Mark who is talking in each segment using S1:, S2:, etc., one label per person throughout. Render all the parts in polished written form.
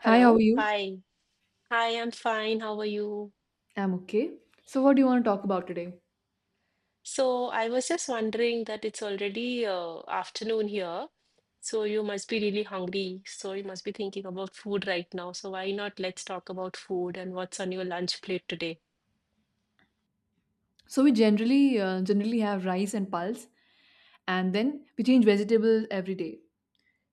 S1: Hi, how are
S2: Hello.
S1: you?
S2: Hi. Hi, I'm fine. How are you?
S1: I'm okay. So, what do you want to talk about today?
S2: So I was just wondering that it's already afternoon here, so you must be really hungry. So you must be thinking about food right now. So why not let's talk about food and what's on your lunch plate today?
S1: So, we generally generally have rice and pulse, and then we change vegetables every day.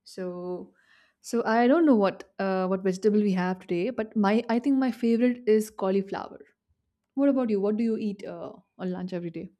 S1: So, so I don't know what vegetable we have today, but my I think my favorite is cauliflower. What about you? What do you eat on lunch every day?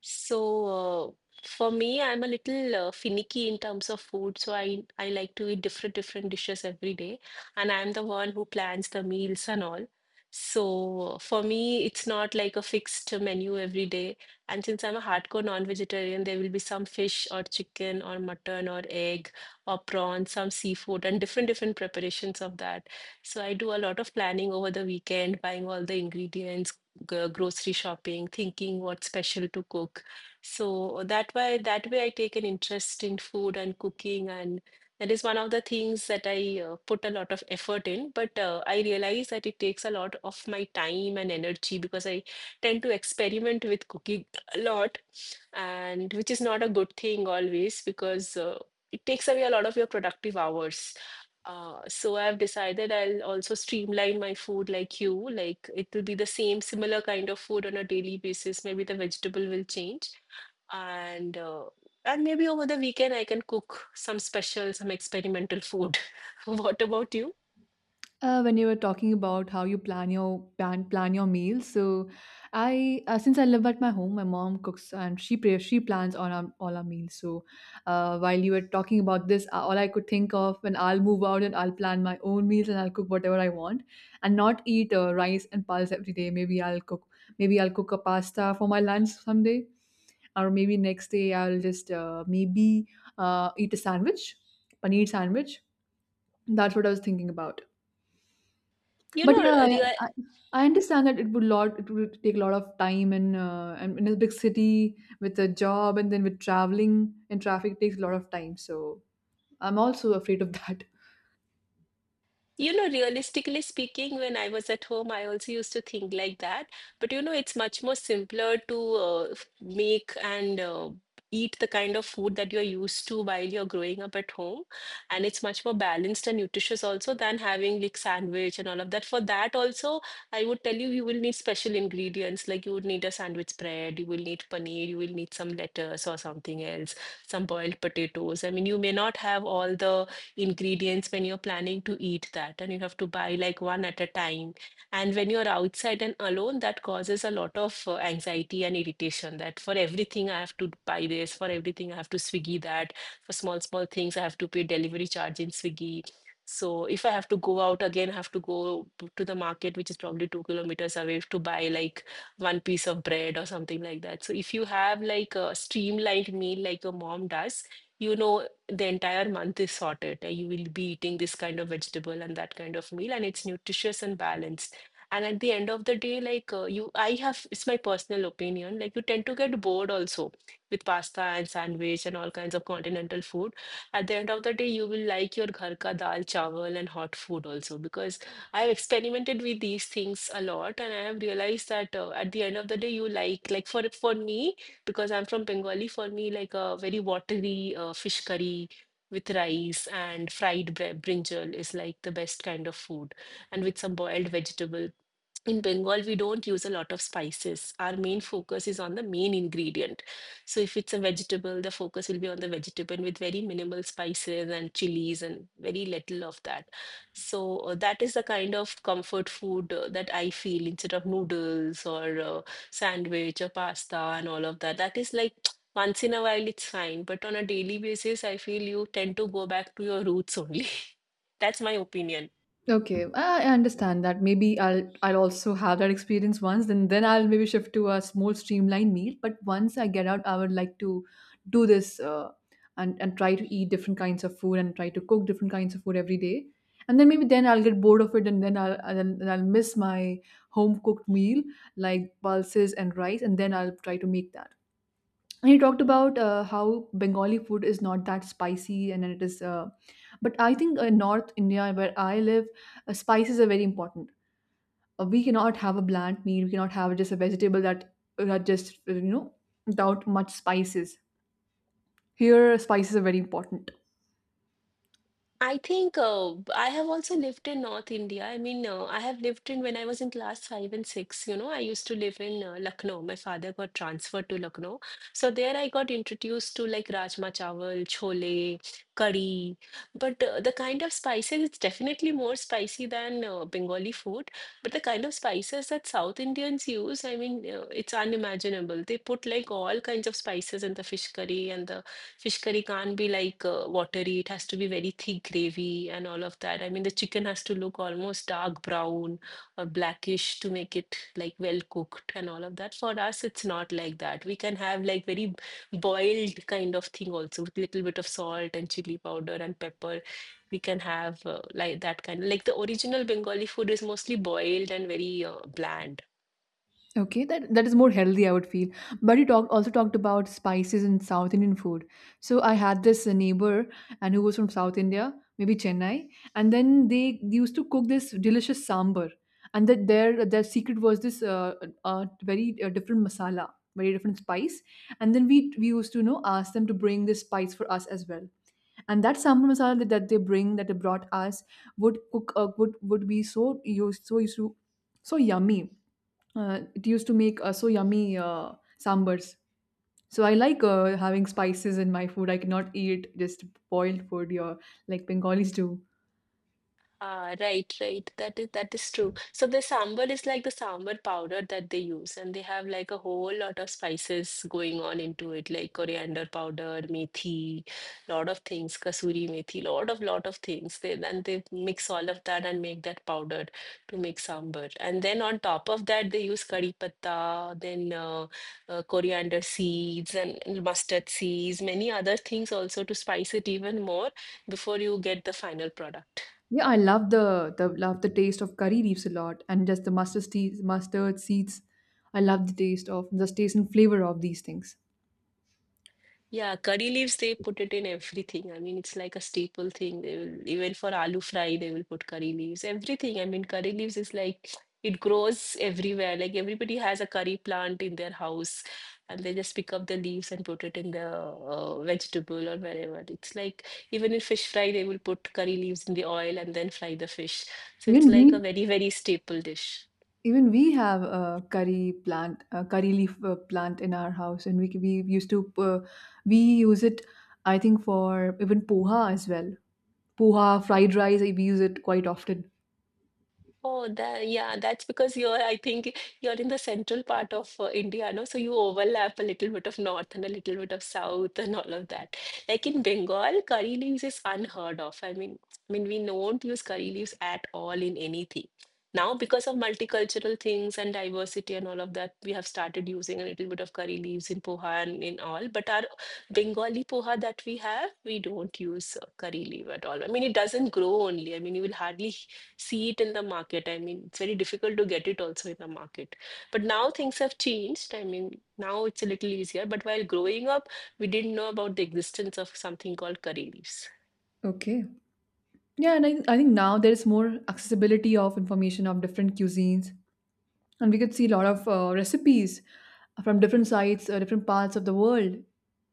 S2: So, for me, I'm a little finicky in terms of food, so I like to eat different different dishes every day, and I'm the one who plans the meals and all. So, for me, it's not like a fixed menu every day. And since I'm a hardcore non-vegetarian, there will be some fish or chicken or mutton or egg or prawn, some seafood, and different different preparations of that. So, I do a lot of planning over the weekend, buying all the ingredients, grocery shopping, thinking what special to cook. So that way, I take an interest in food and cooking, and that is one of the things that I put a lot of effort in. But I realize that it takes a lot of my time and energy because I tend to experiment with cooking a lot, and which is not a good thing always because it takes away a lot of your productive hours. So I've decided I'll also streamline my food like you. Like it will be the same, similar kind of food on a daily basis. Maybe the vegetable will change, and uh, and maybe over the weekend I can cook some special, some experimental food. What about you?
S1: When you were talking about how you plan your meals, so I since I live at my home, my mom cooks and she plans on our all our meals. So while you were talking about this, all I could think of when I'll move out and I'll plan my own meals and I'll cook whatever I want and not eat rice and pulse every day. Maybe I'll cook a pasta for my lunch someday, or maybe next day I'll just maybe eat a sandwich, paneer sandwich. That's what I was thinking about.
S2: You
S1: But
S2: know,
S1: yeah, yeah,
S2: Ria.
S1: I understand that it would take a lot of time and in a big city with a job and then with traveling and traffic takes a lot of time. So I'm also afraid of that.
S2: You know, realistically speaking, when I was at home, I also used to think like that. But you know, it's much more simpler to make and eat the kind of food that you're used to while you're growing up at home. And it's much more balanced and nutritious also than having like sandwich and all of that. For that also, I would tell you, you will need special ingredients. Like you would need a sandwich bread, you will need paneer, you will need some lettuce or something else, some boiled potatoes. I mean, you may not have all the ingredients when you're planning to eat that and you have to buy like one at a time, and when you're outside and alone, that causes a lot of anxiety and irritation that for everything I have to buy this, for everything I have to Swiggy that, for small small things I have to pay delivery charge in Swiggy. So if I have to go out again, I have to go to the market, which is probably 2 kilometers away, to buy like one piece of bread or something like that. So if you have like a streamlined meal like your mom does, you know the entire month is sorted. You will be eating this kind of vegetable and that kind of meal, and it's nutritious and balanced. And at the end of the day, like it's my personal opinion, like you tend to get bored also with pasta and sandwich and all kinds of continental food. At the end of the day, you will like your ghar ka dal, chawal, and hot food also because I have experimented with these things a lot, and I have realized that at the end of the day, you like for me because I'm from Bengali. For me, like a very watery fish curry with rice and fried brinjal is like the best kind of food, and with some boiled vegetable. In Bengal, we don't use a lot of spices. Our main focus is on the main ingredient. So, if it's a vegetable, the focus will be on the vegetable with very minimal spices and chilies and very little of that. So, that is the kind of comfort food that I feel instead of noodles or sandwich or pasta and all of that. That is like once in a while, it's fine. But on a daily basis, I feel you tend to go back to your roots only. That's my opinion.
S1: Okay, I understand that. Maybe I'll also have that experience once, then I'll maybe shift to a small streamlined meal. But once I get out, I would like to do this and try to eat different kinds of food and try to cook different kinds of food every day. And then maybe then I'll get bored of it, and then I'll miss my home cooked meal like pulses and rice, and then I'll try to make that. He talked about how Bengali food is not that spicy and it is but I think North India where I live, spices are very important. Uh, we cannot have a bland meal. We cannot have just a vegetable that just you know, without much spices. Here spices are very important.
S2: I think I have also lived in North India. I mean, I have lived in when I was in class 5 and 6. You know, I used to live in Lucknow. My father got transferred to Lucknow. So there I got introduced to like rajma chawal, chole, curry. But the kind of spices, it's definitely more spicy than Bengali food. But the kind of spices that South Indians use, I mean, it's unimaginable. They put like all kinds of spices in the fish curry, and the fish curry can't be like watery. It has to be very thick gravy and all of that. I mean, the chicken has to look almost dark brown or blackish to make it like well cooked and all of that. For us, it's not like that. We can have like very boiled kind of thing also with little bit of salt and chili powder and pepper. We can have like that kind, like the original Bengali food is mostly boiled and very bland.
S1: Okay, that is more healthy, I would feel. But you talked also talked about spices in South Indian food. So I had this neighbor and who was from South India, maybe Chennai, and then they used to cook this delicious sambar, and that their secret was this uh, very different masala, very different spice, and then we used to, you know, ask them to bring this spice for us as well. And that sambar masala that they brought us would cook, would be so used to so yummy. Uh, it used to make so yummy sambars. So I like having spices in my food. I cannot eat just boiled food. Or like Bengalis do.
S2: Ah, right, right. That is true. So the sambar is like the sambar powder that they use, and they have like a whole lot of spices going on into it, like coriander powder, methi, lot of things, kasuri methi, lot of things. They then they mix all of that and make that powder to make sambar. And then on top of that, they use kari patta, then coriander seeds and mustard seeds, many other things also to spice it even more before you get the final product.
S1: Yeah, I love the taste of curry leaves a lot, and just the mustard seeds. I love the taste and flavor of these things.
S2: Yeah, curry leaves, they put it in everything. I mean, it's like a staple thing. They will, even for aloo fry, they will put curry leaves. Everything. I mean, curry leaves is like, it grows everywhere. Like everybody has a curry plant in their house, and they just pick up the leaves and put it in the vegetable or wherever. It's like even in fish fry, they will put curry leaves in the oil and then fry the fish. So it's
S1: Even
S2: like a
S1: bean
S2: very, very staple dish.
S1: Even we have a curry plant, a curry leaf plant in our house, and we used to uh, we use it, I think, for even poha as well. Poha, fried rice, we use it quite often.
S2: Oh, that, yeah, that's because I think you're in the central part of India, no? So you overlap a little bit of north and a little bit of south and all of that. Like in Bengal, curry leaves is unheard of. I mean, we don't use curry leaves at all in anything. Now, because of multicultural things and diversity and all of that, we have started using a little bit of curry leaves in poha and in all. But our Bengali poha that we have, we don't use curry leaf at all. I mean, it doesn't grow only. I mean, you will hardly see it in the market. I mean, it's very difficult to get it also in the market. But now things have changed. I mean, now it's a little easier. But while growing up, we didn't know about the existence of something called curry leaves.
S1: Okay. Yeah, and I think now there's more accessibility of information of different cuisines, and we could see a lot of recipes from different sites, different parts of the world,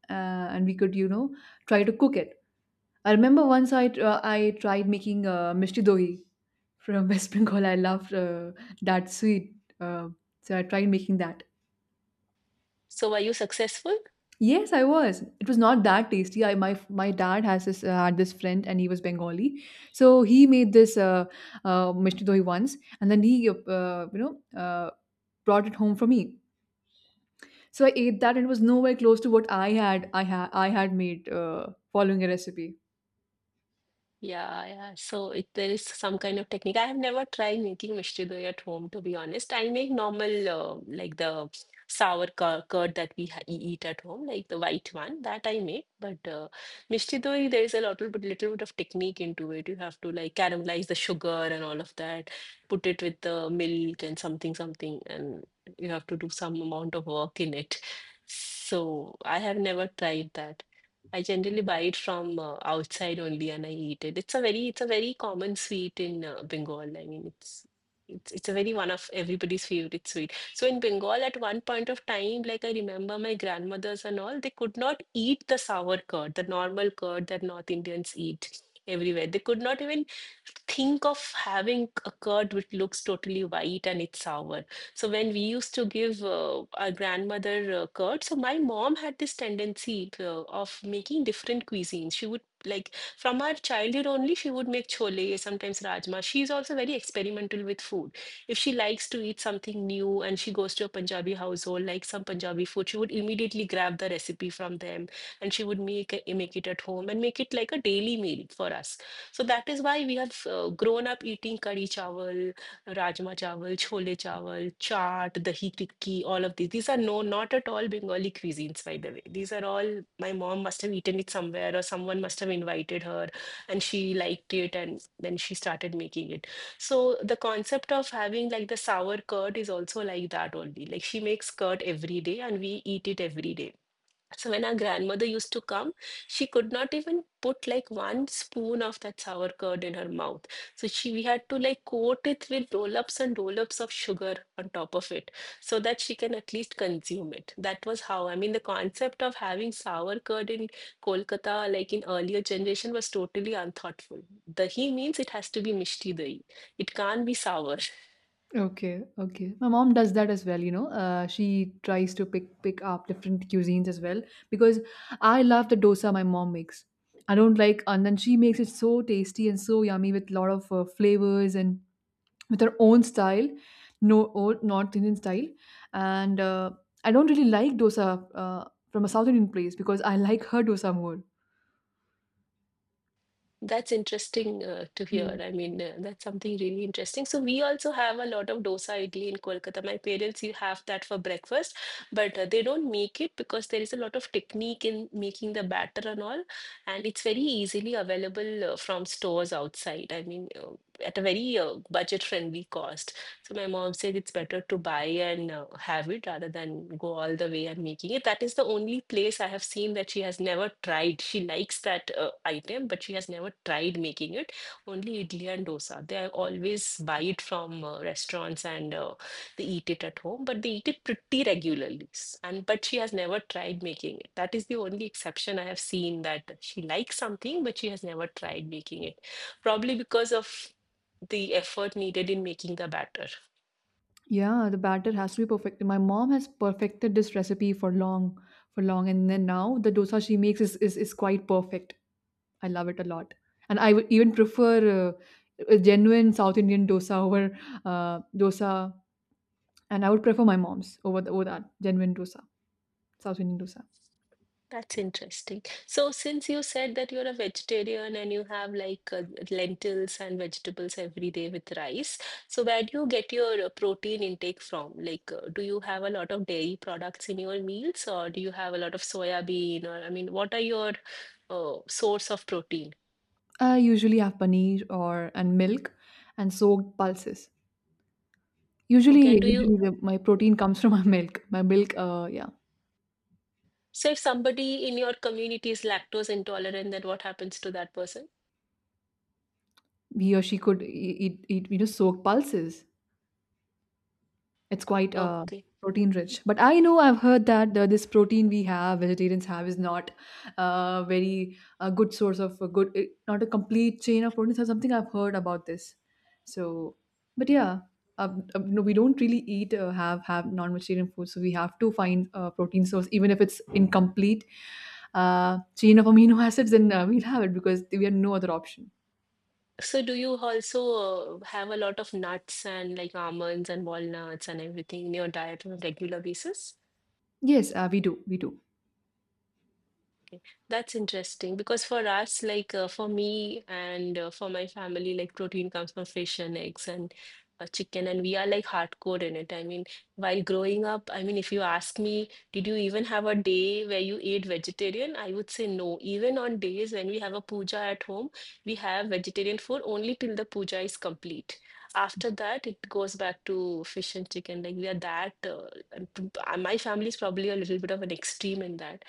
S1: and we could, you know, try to cook it. I remember once I tried making mishti dohi from West Bengal. I loved that sweet, so I tried making that.
S2: So, were you successful?
S1: Yes, I was. It was not that tasty. I my My dad has this had this friend and he was Bengali, so he made this mishti dohi once, and then he, you know, uh, brought it home for me. So I ate that and it was nowhere close to what I had made following a recipe.
S2: Yeah, yeah. So if there is some kind of technique, I have never tried making mishti doi at home, to be honest. I make normal, like the sour curd that we eat at home, like the white one that I make. But mishti doi, there is a little bit of technique into it. You have to like caramelize the sugar and all of that, put it with the milk and something, something, and you have to do some amount of work in it. So I have never tried that. I generally buy it from outside only and I eat it. It's a very common sweet in Bengal. I mean, it's a very one of everybody's favorite sweet. So in Bengal, at one point of time, like I remember my grandmothers and all, they could not eat the sour curd, the normal curd that North Indians eat everywhere. They could not even think of having a curd which looks totally white and it's sour. So when we used to give our grandmother curd, so my mom had this tendency of making different cuisines. She would, like, from our childhood only, she would make chole, sometimes rajma. She's also very experimental with food. If she likes to eat something new and she goes to a Punjabi household, like some Punjabi food, she would immediately grab the recipe from them and she would make it at home and make it like a daily meal for us. So that is why we have grown up eating curry chawal, rajma chawal, chole chawal, chaat, dahi tikki, all of these. These are not at all Bengali cuisines, by the way. These are all my mom must have eaten it somewhere, or someone must have invited her, and she liked it, and then she started making it. So the concept of having like the sour curd is also like that only. Like she makes curd every day, and we eat it every day. So when our grandmother used to come, she could not even put like one spoon of that sour curd in her mouth. So she we had to like coat it with roll-ups and roll-ups of sugar on top of it so that she can at least consume it. That was how, I mean, the concept of having sour curd in Kolkata, like in earlier generation, was totally unthoughtful. Dahi means it has to be mishti dahi. It can't be sour.
S1: Okay, okay. My mom does that as well, you know. She tries to pick up different cuisines as well because I love the dosa my mom makes. I don't like, and then she makes it so tasty and so yummy with a lot of flavors and with her own style, no old North Indian style. And I don't really like dosa uh, from a South Indian place because I like her dosa more.
S2: That's interesting to hear. I mean, that's something really interesting. So we also have a lot of dosa idli in Kolkata. My parents, you have that for breakfast, but they don't make it because there is a lot of technique in making the batter and all, and it's very easily available from stores outside. I mean, at a very budget-friendly cost. So my mom said it's better to buy and have it rather than go all the way and making it. That is the only place I have seen that she has never tried. She likes that item, but she has never tried making it. Only idli and dosa. They are always buy it from restaurants and they eat it at home, but they eat it pretty regularly. S- And but she has never tried making it. That is the only exception I have seen that she likes something, but she has never tried making it. Probably because of the effort needed in making the batter.
S1: Yeah, the batter has to be perfected. My mom has perfected this recipe for long, and then now the dosa she makes is quite perfect. I love it a lot, and I would even prefer a genuine South Indian dosa over dosa, and I would prefer my mom's over over that genuine dosa, South Indian dosa.
S2: That's interesting. So, since you said that you're a vegetarian and you have like lentils and vegetables every day with rice, so where do you get your protein intake from? Like, do you have a lot of dairy products in your meals, or do you have a lot of soya bean? Or, I mean, what are your source of protein?
S1: I usually have paneer or and milk, and soaked pulses.
S2: Okay, and
S1: Usually,
S2: do you,
S1: usually the, my protein comes from my milk. My milk, yeah.
S2: say if somebody in your community is lactose intolerant, then what happens to that person?
S1: He or she could eat you know, soaked pulses. It's quite
S2: Okay.
S1: protein rich. But I know I've heard that this protein we have, vegetarians have, is not a good source of not a complete chain of proteins or something. I've heard about this. So, but yeah, no, we don't really eat have non-vegetarian food, so we have to find a protein source, even if it's incomplete chain of amino acids. Then we'll have it because we have no other option.
S2: So do you also have a lot of nuts and like almonds and walnuts and everything in your diet on a regular basis?
S1: Yes, we do. We do.
S2: That's interesting because for us, like for me and for my family, like protein comes from fish and eggs and chicken, and we are like hardcore in it. I mean, while growing up, I mean, if you ask me, did you even have a day where you ate vegetarian? I would say no. Even on days when we have a puja at home, we have vegetarian food only till the puja is complete. After that, it goes back to fish and chicken. Like we are that, and my family is probably a little bit of an extreme in that.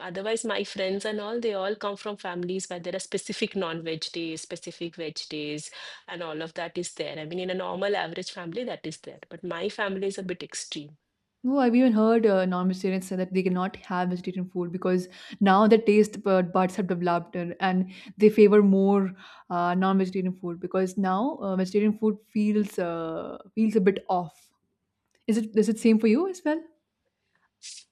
S2: Otherwise, my friends and all, they all come from families where there are specific non-veg days, specific veg days, and all of that is there. I mean, in a normal average family, that is there. But my family is a bit extreme.
S1: No, I've even heard non-vegetarians say that they cannot have vegetarian food because now the buds have developed and they favor more non-vegetarian food because now vegetarian food feels a bit off. Is it same for you as well?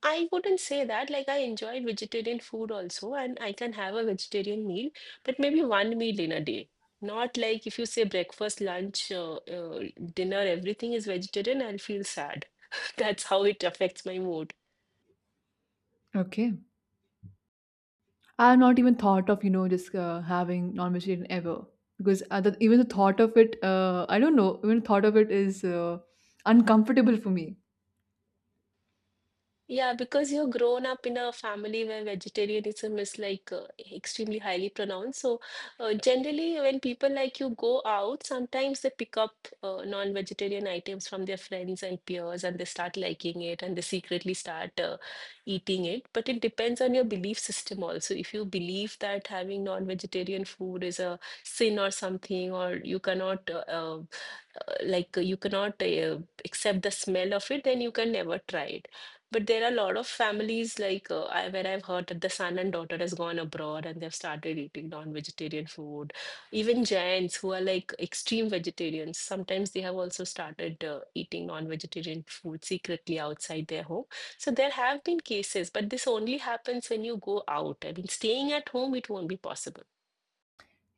S2: I wouldn't say that. Like, I enjoy vegetarian food also, and I can have a vegetarian meal, but maybe one meal in a day. Not like if you say breakfast, lunch, dinner, everything is vegetarian, I'll feel sad. That's how it affects my mood.
S1: Okay, I've not even thought of, you know, just having non-vegetarian ever because even the thought of it, I don't know, even the thought of it is uncomfortable for me.
S2: Yeah, because you're grown up in a family where vegetarianism is like extremely highly pronounced. So, generally, when people like you go out, sometimes they pick up non-vegetarian items from their friends and peers and they start liking it and they secretly start eating it. But it depends on your belief system also. If you believe that having non-vegetarian food is a sin or something, or you cannot like you cannot accept the smell of it, then you can never try it. But there are a lot of families like where I've heard that the son and daughter has gone abroad and they've started eating non-vegetarian food. Even Jains who are like extreme vegetarians, sometimes they have also started eating non-vegetarian food secretly outside their home. So there have been cases, but this only happens when you go out. I mean, staying at home, it won't be possible.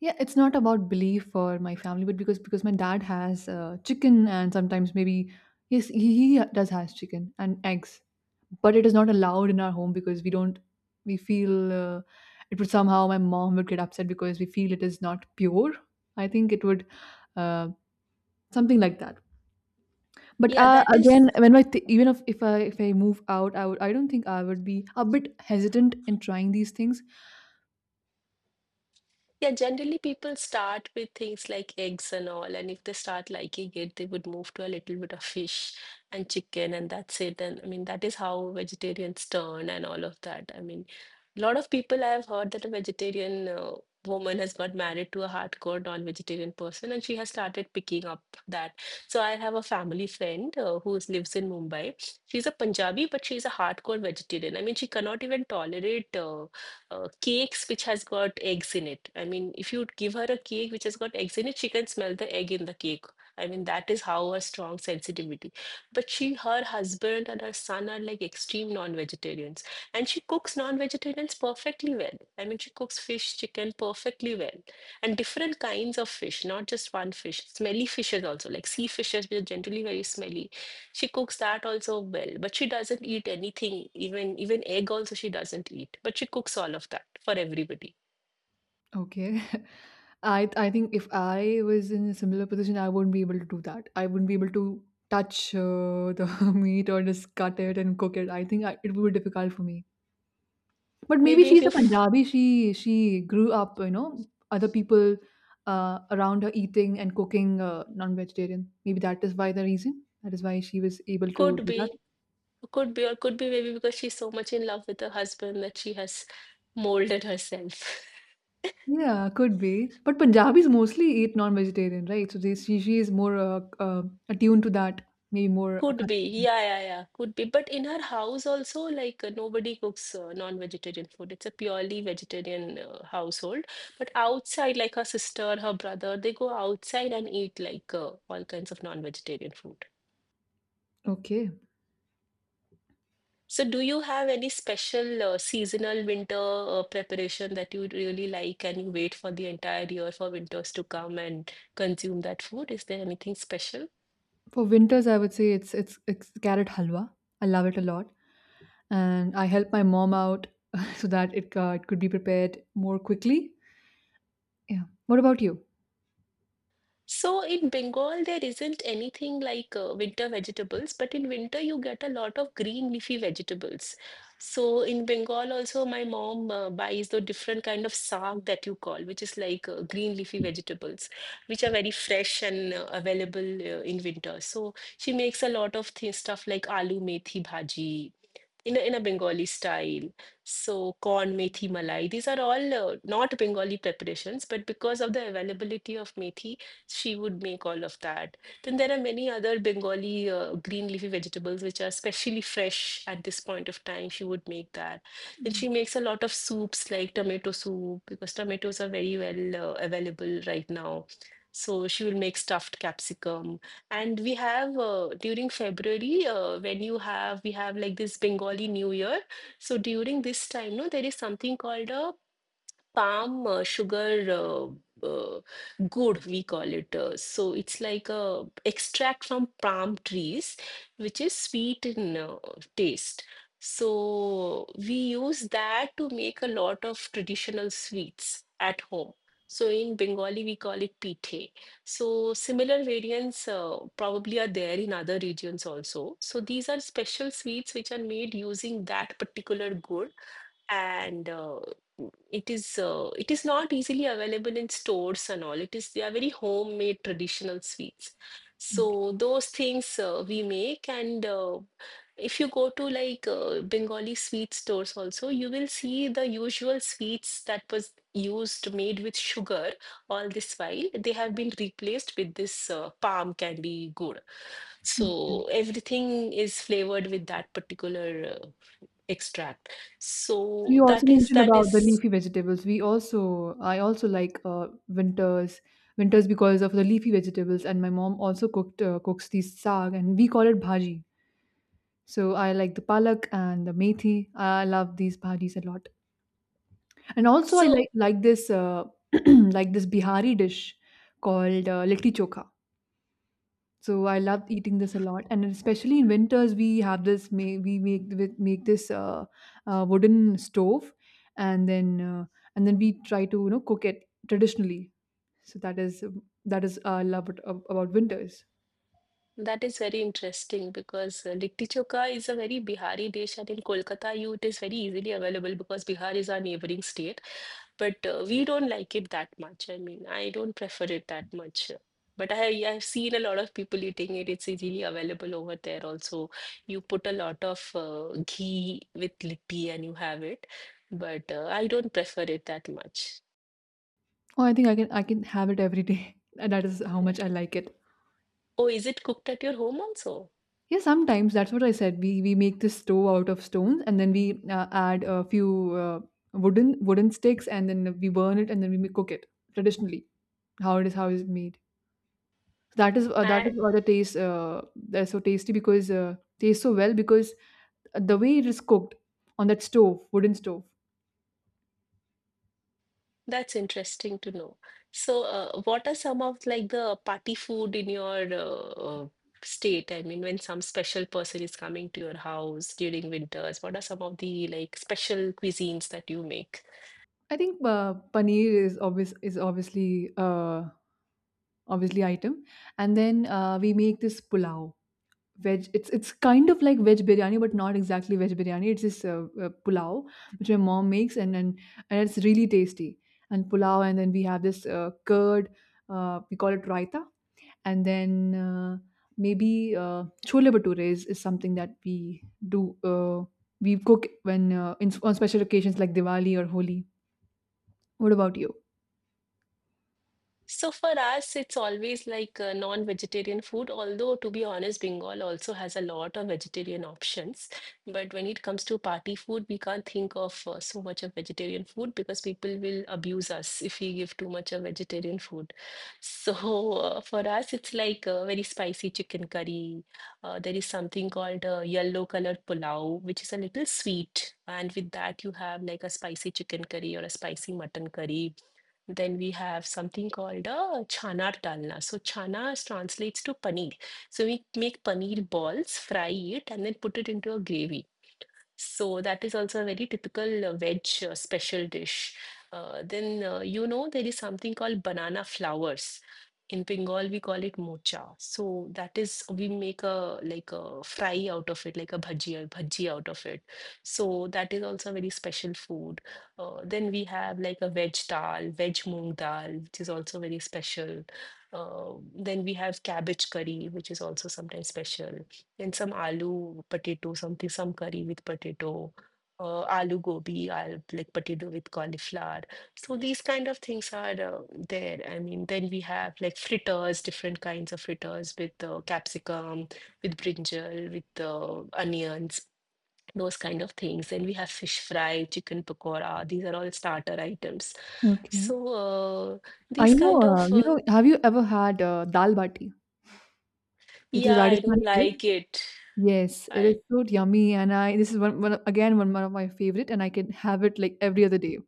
S1: Yeah, it's not about belief for my family, but because my dad has chicken and sometimes maybe yes he does has chicken and eggs, but it is not allowed in our home because we don't we feel it would somehow my mom would get upset because we feel it is not pure. I think it would uh, something like that. But
S2: Yeah, that is
S1: again, even if I move out, I would, I don't think I would be a bit hesitant in trying these things.
S2: Yeah, generally people start with things like eggs and all, and if they start liking it, they would move to a little bit of fish and chicken, and that's it. And I mean, that is how vegetarians turn and all of that. I mean, a lot of people I have heard that a vegetarian woman has got married to a hardcore non-vegetarian person, and she has started picking up that. So I have a family friend who lives in Mumbai. She's a Punjabi, but she's a hardcore vegetarian. I mean, she cannot even tolerate. Cakes which has got eggs in it. I mean, if you give her a cake which has got eggs in it, she can smell the egg in the cake. I mean, that is how her strong sensitivity. But her husband and her son are like extreme non-vegetarians. And she cooks non-vegetarians perfectly well. I mean, she cooks fish, chicken perfectly well. And different kinds of fish, not just one fish. Smelly fishes also, like sea fishes, which are generally very smelly, she cooks that also well, but she doesn't eat anything, even egg also she doesn't eat. But she cooks all of that for everybody.
S1: Okay. I think if I was in a similar position, I wouldn't be able to do that. I wouldn't be able to touch the meat or just cut it and cook it. I think it would be difficult for me. But maybe
S2: Maybe if
S1: she's
S2: you
S1: a
S2: f-
S1: Punjabi. She grew up, you know, other people around her eating and cooking non-vegetarian. Maybe that is why the reason. That is why she was able to
S2: Could
S1: do that.
S2: be, could be, or could be maybe because she's so much in love with her husband that she has molded herself.
S1: Yeah, could be. But Punjabis mostly eat non-vegetarian, right? So they, she is more uh, attuned to that. Maybe more
S2: Could be,
S1: accustomed.
S2: yeah, yeah, yeah, could be. But in her house also, like nobody cooks non-vegetarian food. It's a purely vegetarian household. But outside, like her sister, her brother, they go outside and eat like all kinds of non-vegetarian food.
S1: Okay.
S2: So, do you have any special seasonal winter preparation that you really like and you wait for the entire year for winters to come and consume that food? Is there anything special?
S1: For winters, I would say it's it's carrot halwa. I love it a lot, and I help my mom out so that it could be prepared more quickly. Yeah. What about you?
S2: So in Bengal, there isn't anything like winter vegetables, but in winter you get a lot of green leafy vegetables. So in Bengal also, my mom buys the different kind of saag that you call, which is like green leafy vegetables, which are very fresh and available in winter. So she makes a lot of th stuff like aloo methi bhaji in a Bengali style. So corn, methi, malai, these are all not Bengali preparations, but because of the availability of methi, she would make all of that. Then there are many other Bengali green leafy vegetables which are specially fresh at this point of time. She would make that. Then
S1: Mm.
S2: she makes a lot of soups like tomato soup because tomatoes are very well available right now. So she will make stuffed capsicum and we have during February, when you have we have like this Bengali New Year. So during this time, no, there is something called a palm sugar uh, good we call it so it's like a extract from palm trees which is sweet in taste, so we use that to make a lot of traditional sweets at home. So in Bengali we call it pithe, so similar variants probably are there in other regions also. So these are special sweets which are made using that particular good, and it is not easily available in stores and all. It is They are very homemade traditional sweets. So those things we make, and if you go to like Bengali sweet stores also, you will see the usual sweets that was used made with sugar all this while. They have been replaced with this palm candy gourd.
S1: Okay.
S2: So everything is flavored with that particular. Extract.
S1: So
S2: so
S1: you also
S2: that is
S1: mentioned
S2: that is
S1: about the leafy vegetables. We also I also like winters because of the leafy vegetables, and my mom also cooked cooks these saag, and we call it bhaji. So I like the palak and the methi. I love these bhajis a lot. And also, I
S2: so
S1: like this like this Bihari dish called litti chokha. So I love eating this a lot, and especially in winters, we have this. We make this wooden stove, and then we try to, you know, cook it traditionally. So that is love about winters.
S2: that is very interesting because litti chokha is a very bihari dish, and in kolkata you it is very easily available because bihar is our neighboring state. But we don't like it that much. I mean, I don't prefer it that much, but I've seen a lot of people eating it. It's easily available over there also. You put a lot of ghee with litti and you have it, but I don't prefer it that much.
S1: Oh, I think I can have it every day. And that is how much I like it.
S2: Oh, is it cooked at your home also?
S1: Yeah, sometimes that's what I said. We make this stove out of stones, and then we add a few uh, wooden sticks, and then we burn it, and then we cook it traditionally. How it is, how it's made? That is
S2: And
S1: why the taste that's so tasty because tastes so well because the way it is cooked on that stove, wooden stove.
S2: that's interesting to know. So, what are some of like the party food in your uh, state? I mean, when some special person is coming to your house during winters, what are some of the like special cuisines that you make?
S1: I think paneer is obviously item, and then we make this pulao veg it's kind of like veg biryani but not exactly veg biryani. It's this pulao which my mom makes and it's really tasty. And pulao, and then we have this curd, we call it raita. And then uh, maybe chole bhature is something that we do, uh, we cook when on special occasions like Diwali or Holi. What about you?
S2: So for us, it's always like non-vegetarian food, although to be honest, Bengal also has a lot of vegetarian options. But when it comes to party food, we can't think of so much of vegetarian food because people will abuse us if we give too much of vegetarian food. So for us, it's like a very spicy chicken curry. There is something called yellow colored pulao, which is a little sweet. And with that, you have like a spicy chicken curry or a spicy mutton curry. Then we have something called a chana dalna. So chana translates to paneer. So we make paneer balls, fry it, and then put it into a gravy. So that is also a very typical veg special dish. Then there is something called banana flowers. In Bengal, we call it mocha. So that is we make a like a fry out of it, like a bhaji out of it. So that is also a very special food. Then we have like a veg dal, veg moong dal, which is also very special. Then we have cabbage curry, which is also sometimes special, and some aloo potato, something, some curry with potato, aloo gobi, al like potato with cauliflower. So these kind of things are there. I mean, then we have like fritters, different kinds of fritters with capsicum, with brinjal, with onions. Those kind of things. Then we have fish fry, chicken pakora. These are all starter items.
S1: Okay.
S2: So
S1: i
S2: these
S1: know
S2: kind
S1: uh,
S2: of
S1: you know have you ever had dal bati? It is
S2: yeah, I don't
S1: Rajasthani dish?
S2: like it.
S1: Yes, it is
S2: I
S1: so yummy, and I this is one, one of- again one, one of my favorite, and I can have it like every other day.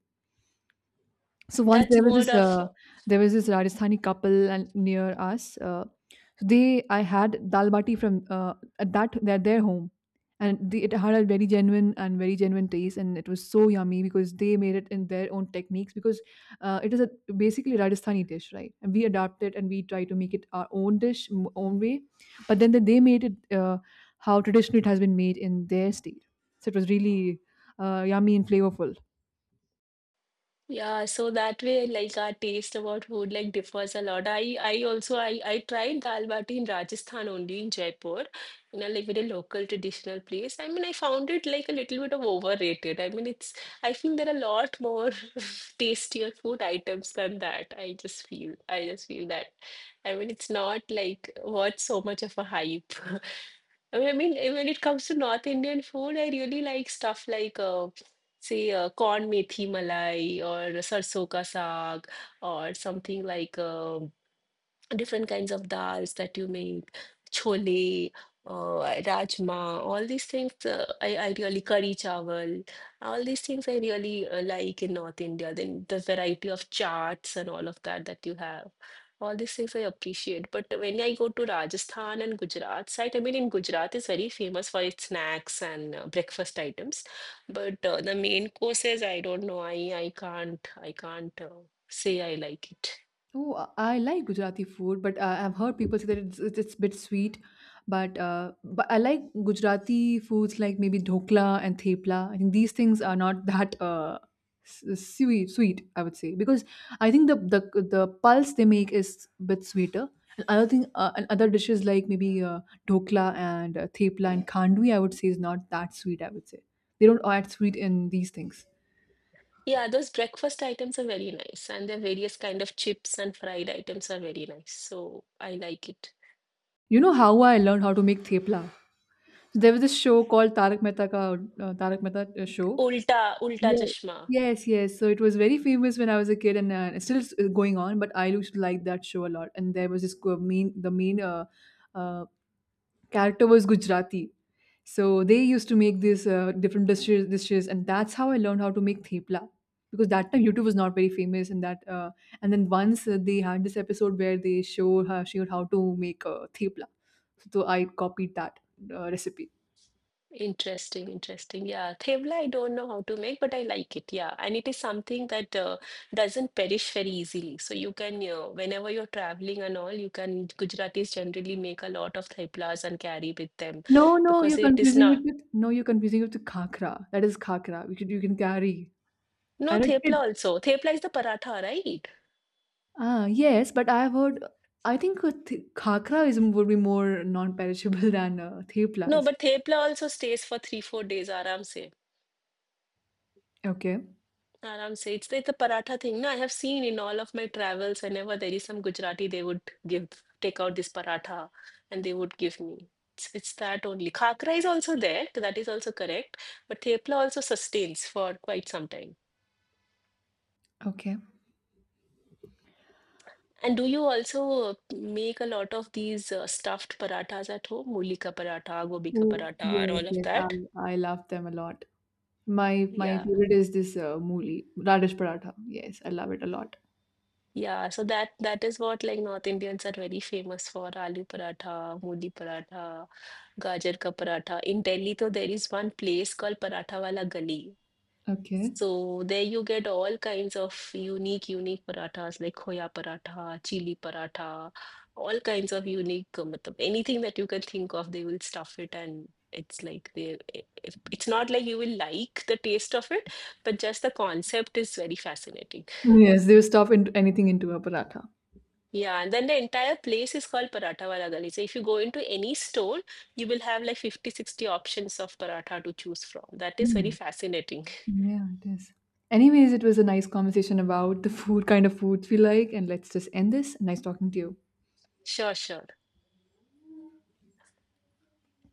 S1: So once
S2: That's
S1: there was
S2: more of.
S1: this Rajasthani couple and near us. So, They I had dal bati from at that at their home, and it had a very genuine and very genuine taste, and it was so yummy because they made it in their own techniques, because it is a basically Rajasthani dish, right? And we adapt it and we try to make it our own dish, own way, but then they made it how traditionally it has been made in their state. So it was really yummy and flavorful.
S2: Yeah, so that way, like our taste about food like differs a lot. I also I tried dal bati in Rajasthan only in Jaipur, in a like very local traditional place. I mean, I found it like a little bit of overrated. I mean, it's I feel there are a lot more tastier food items than that. I just feel that. I mean, it's not like worth so much of a hype. I mean, when it comes to North Indian food, I really like stuff like, say, corn methi malai or sarson ka saag, or something like different kinds of dals that you make, chole, rajma, all these things I really curry chawal, all these things I really like in North India. Then the variety of charts and all of that that you have. All these things I appreciate. But when I go to Rajasthan and Gujarat side, I mean, in Gujarat is very famous for its snacks and breakfast items. But the main courses, I don't know. I can't say I like it.
S1: Oh, I like Gujarati food, but I've heard people say that it's a bit sweet. But I like Gujarati foods like maybe dhokla and thepla. I think these things are not that sweet. Sweet, I would say, because I think the pulse they make is a bit sweeter. And other thing, and other dishes like maybe dhokla and thepla and khandvi, I would say is not that sweet. I would say they don't add sweet in these things.
S2: Yeah, those breakfast items are very nice, and the various kind of chips and fried items are very nice. So I like it.
S1: You know how I learned how to make thepla? There was this show called Tarak Mehta Show.
S2: Ulta, ulta
S1: Yeah.
S2: chashma.
S1: Yes, yes. So it was very famous when I was a kid, and going on. But I used to like that show a lot. And there was this main uh, character was Gujarati, so they used to make these dishes, and that's how I learned how to make thepla. Because that time YouTube was not very famous, and that and then once they had this episode where they showed how to make thepla, so I copied that recipe.
S2: Interesting, interesting. Yeah, thevla I don't know how to make, but I like it. Yeah, and it is something that doesn't perish very easily. So you can, whenever you're traveling and all, you can Gujaratis generally make a lot of theplas and carry with them
S1: No, no,
S2: because
S1: you're
S2: it is
S1: confusing it
S2: not.
S1: with No, you're confusing it with khakra. That is khakra, which you can carry.
S2: No,
S1: And it
S2: thepla also. Thepla is the paratha, right?
S1: ah yes, but I've heard. I think a khakra is would be more non-perishable than
S2: No,
S1: theplas.
S2: but thepla also stays for three, 4 days, aram se.
S1: Okay,
S2: Aram say it's like the paratha thing. No, I have seen in all of my travels, whenever there is some Gujarati, they would give take out this paratha and they would give me. It's that only. Khakra is also there, that is also correct. But thepla also sustains for quite some time.
S1: okay.
S2: And do you also make a lot of these stuffed parathas at home? Muli ka paratha, gobi ka
S1: Oh
S2: paratha, and
S1: yes,
S2: all of
S1: yes. I
S2: that?
S1: I love them a lot. My
S2: Yeah.
S1: favorite is this mooli radish paratha. Yes, I love it a lot.
S2: Yeah, so that is what like North Indians are very famous for aloo paratha, muli paratha, gajar ka paratha. In Delhi, though, there is one place called Paratha Wala Gali.
S1: Okay.
S2: So there you get all kinds of unique, unique parathas like khoya paratha, chili paratha, all kinds of unique, matlab, anything that you can think of, they will stuff it and it's like they I- if- it's not like you will like the taste of it, but just the concept is very fascinating.
S1: Yes, they will stuff into anything into a paratha.
S2: Yeah, and then the entire place is called Paratha Wala Gali. So if you go into any store, you will have like 50, 60 options of paratha to choose from. That is very fascinating.
S1: Yeah, it is. Anyways, it was a nice conversation about the food, kind of foods we like, and let's just end this. Nice talking to you.
S2: Sure, sure.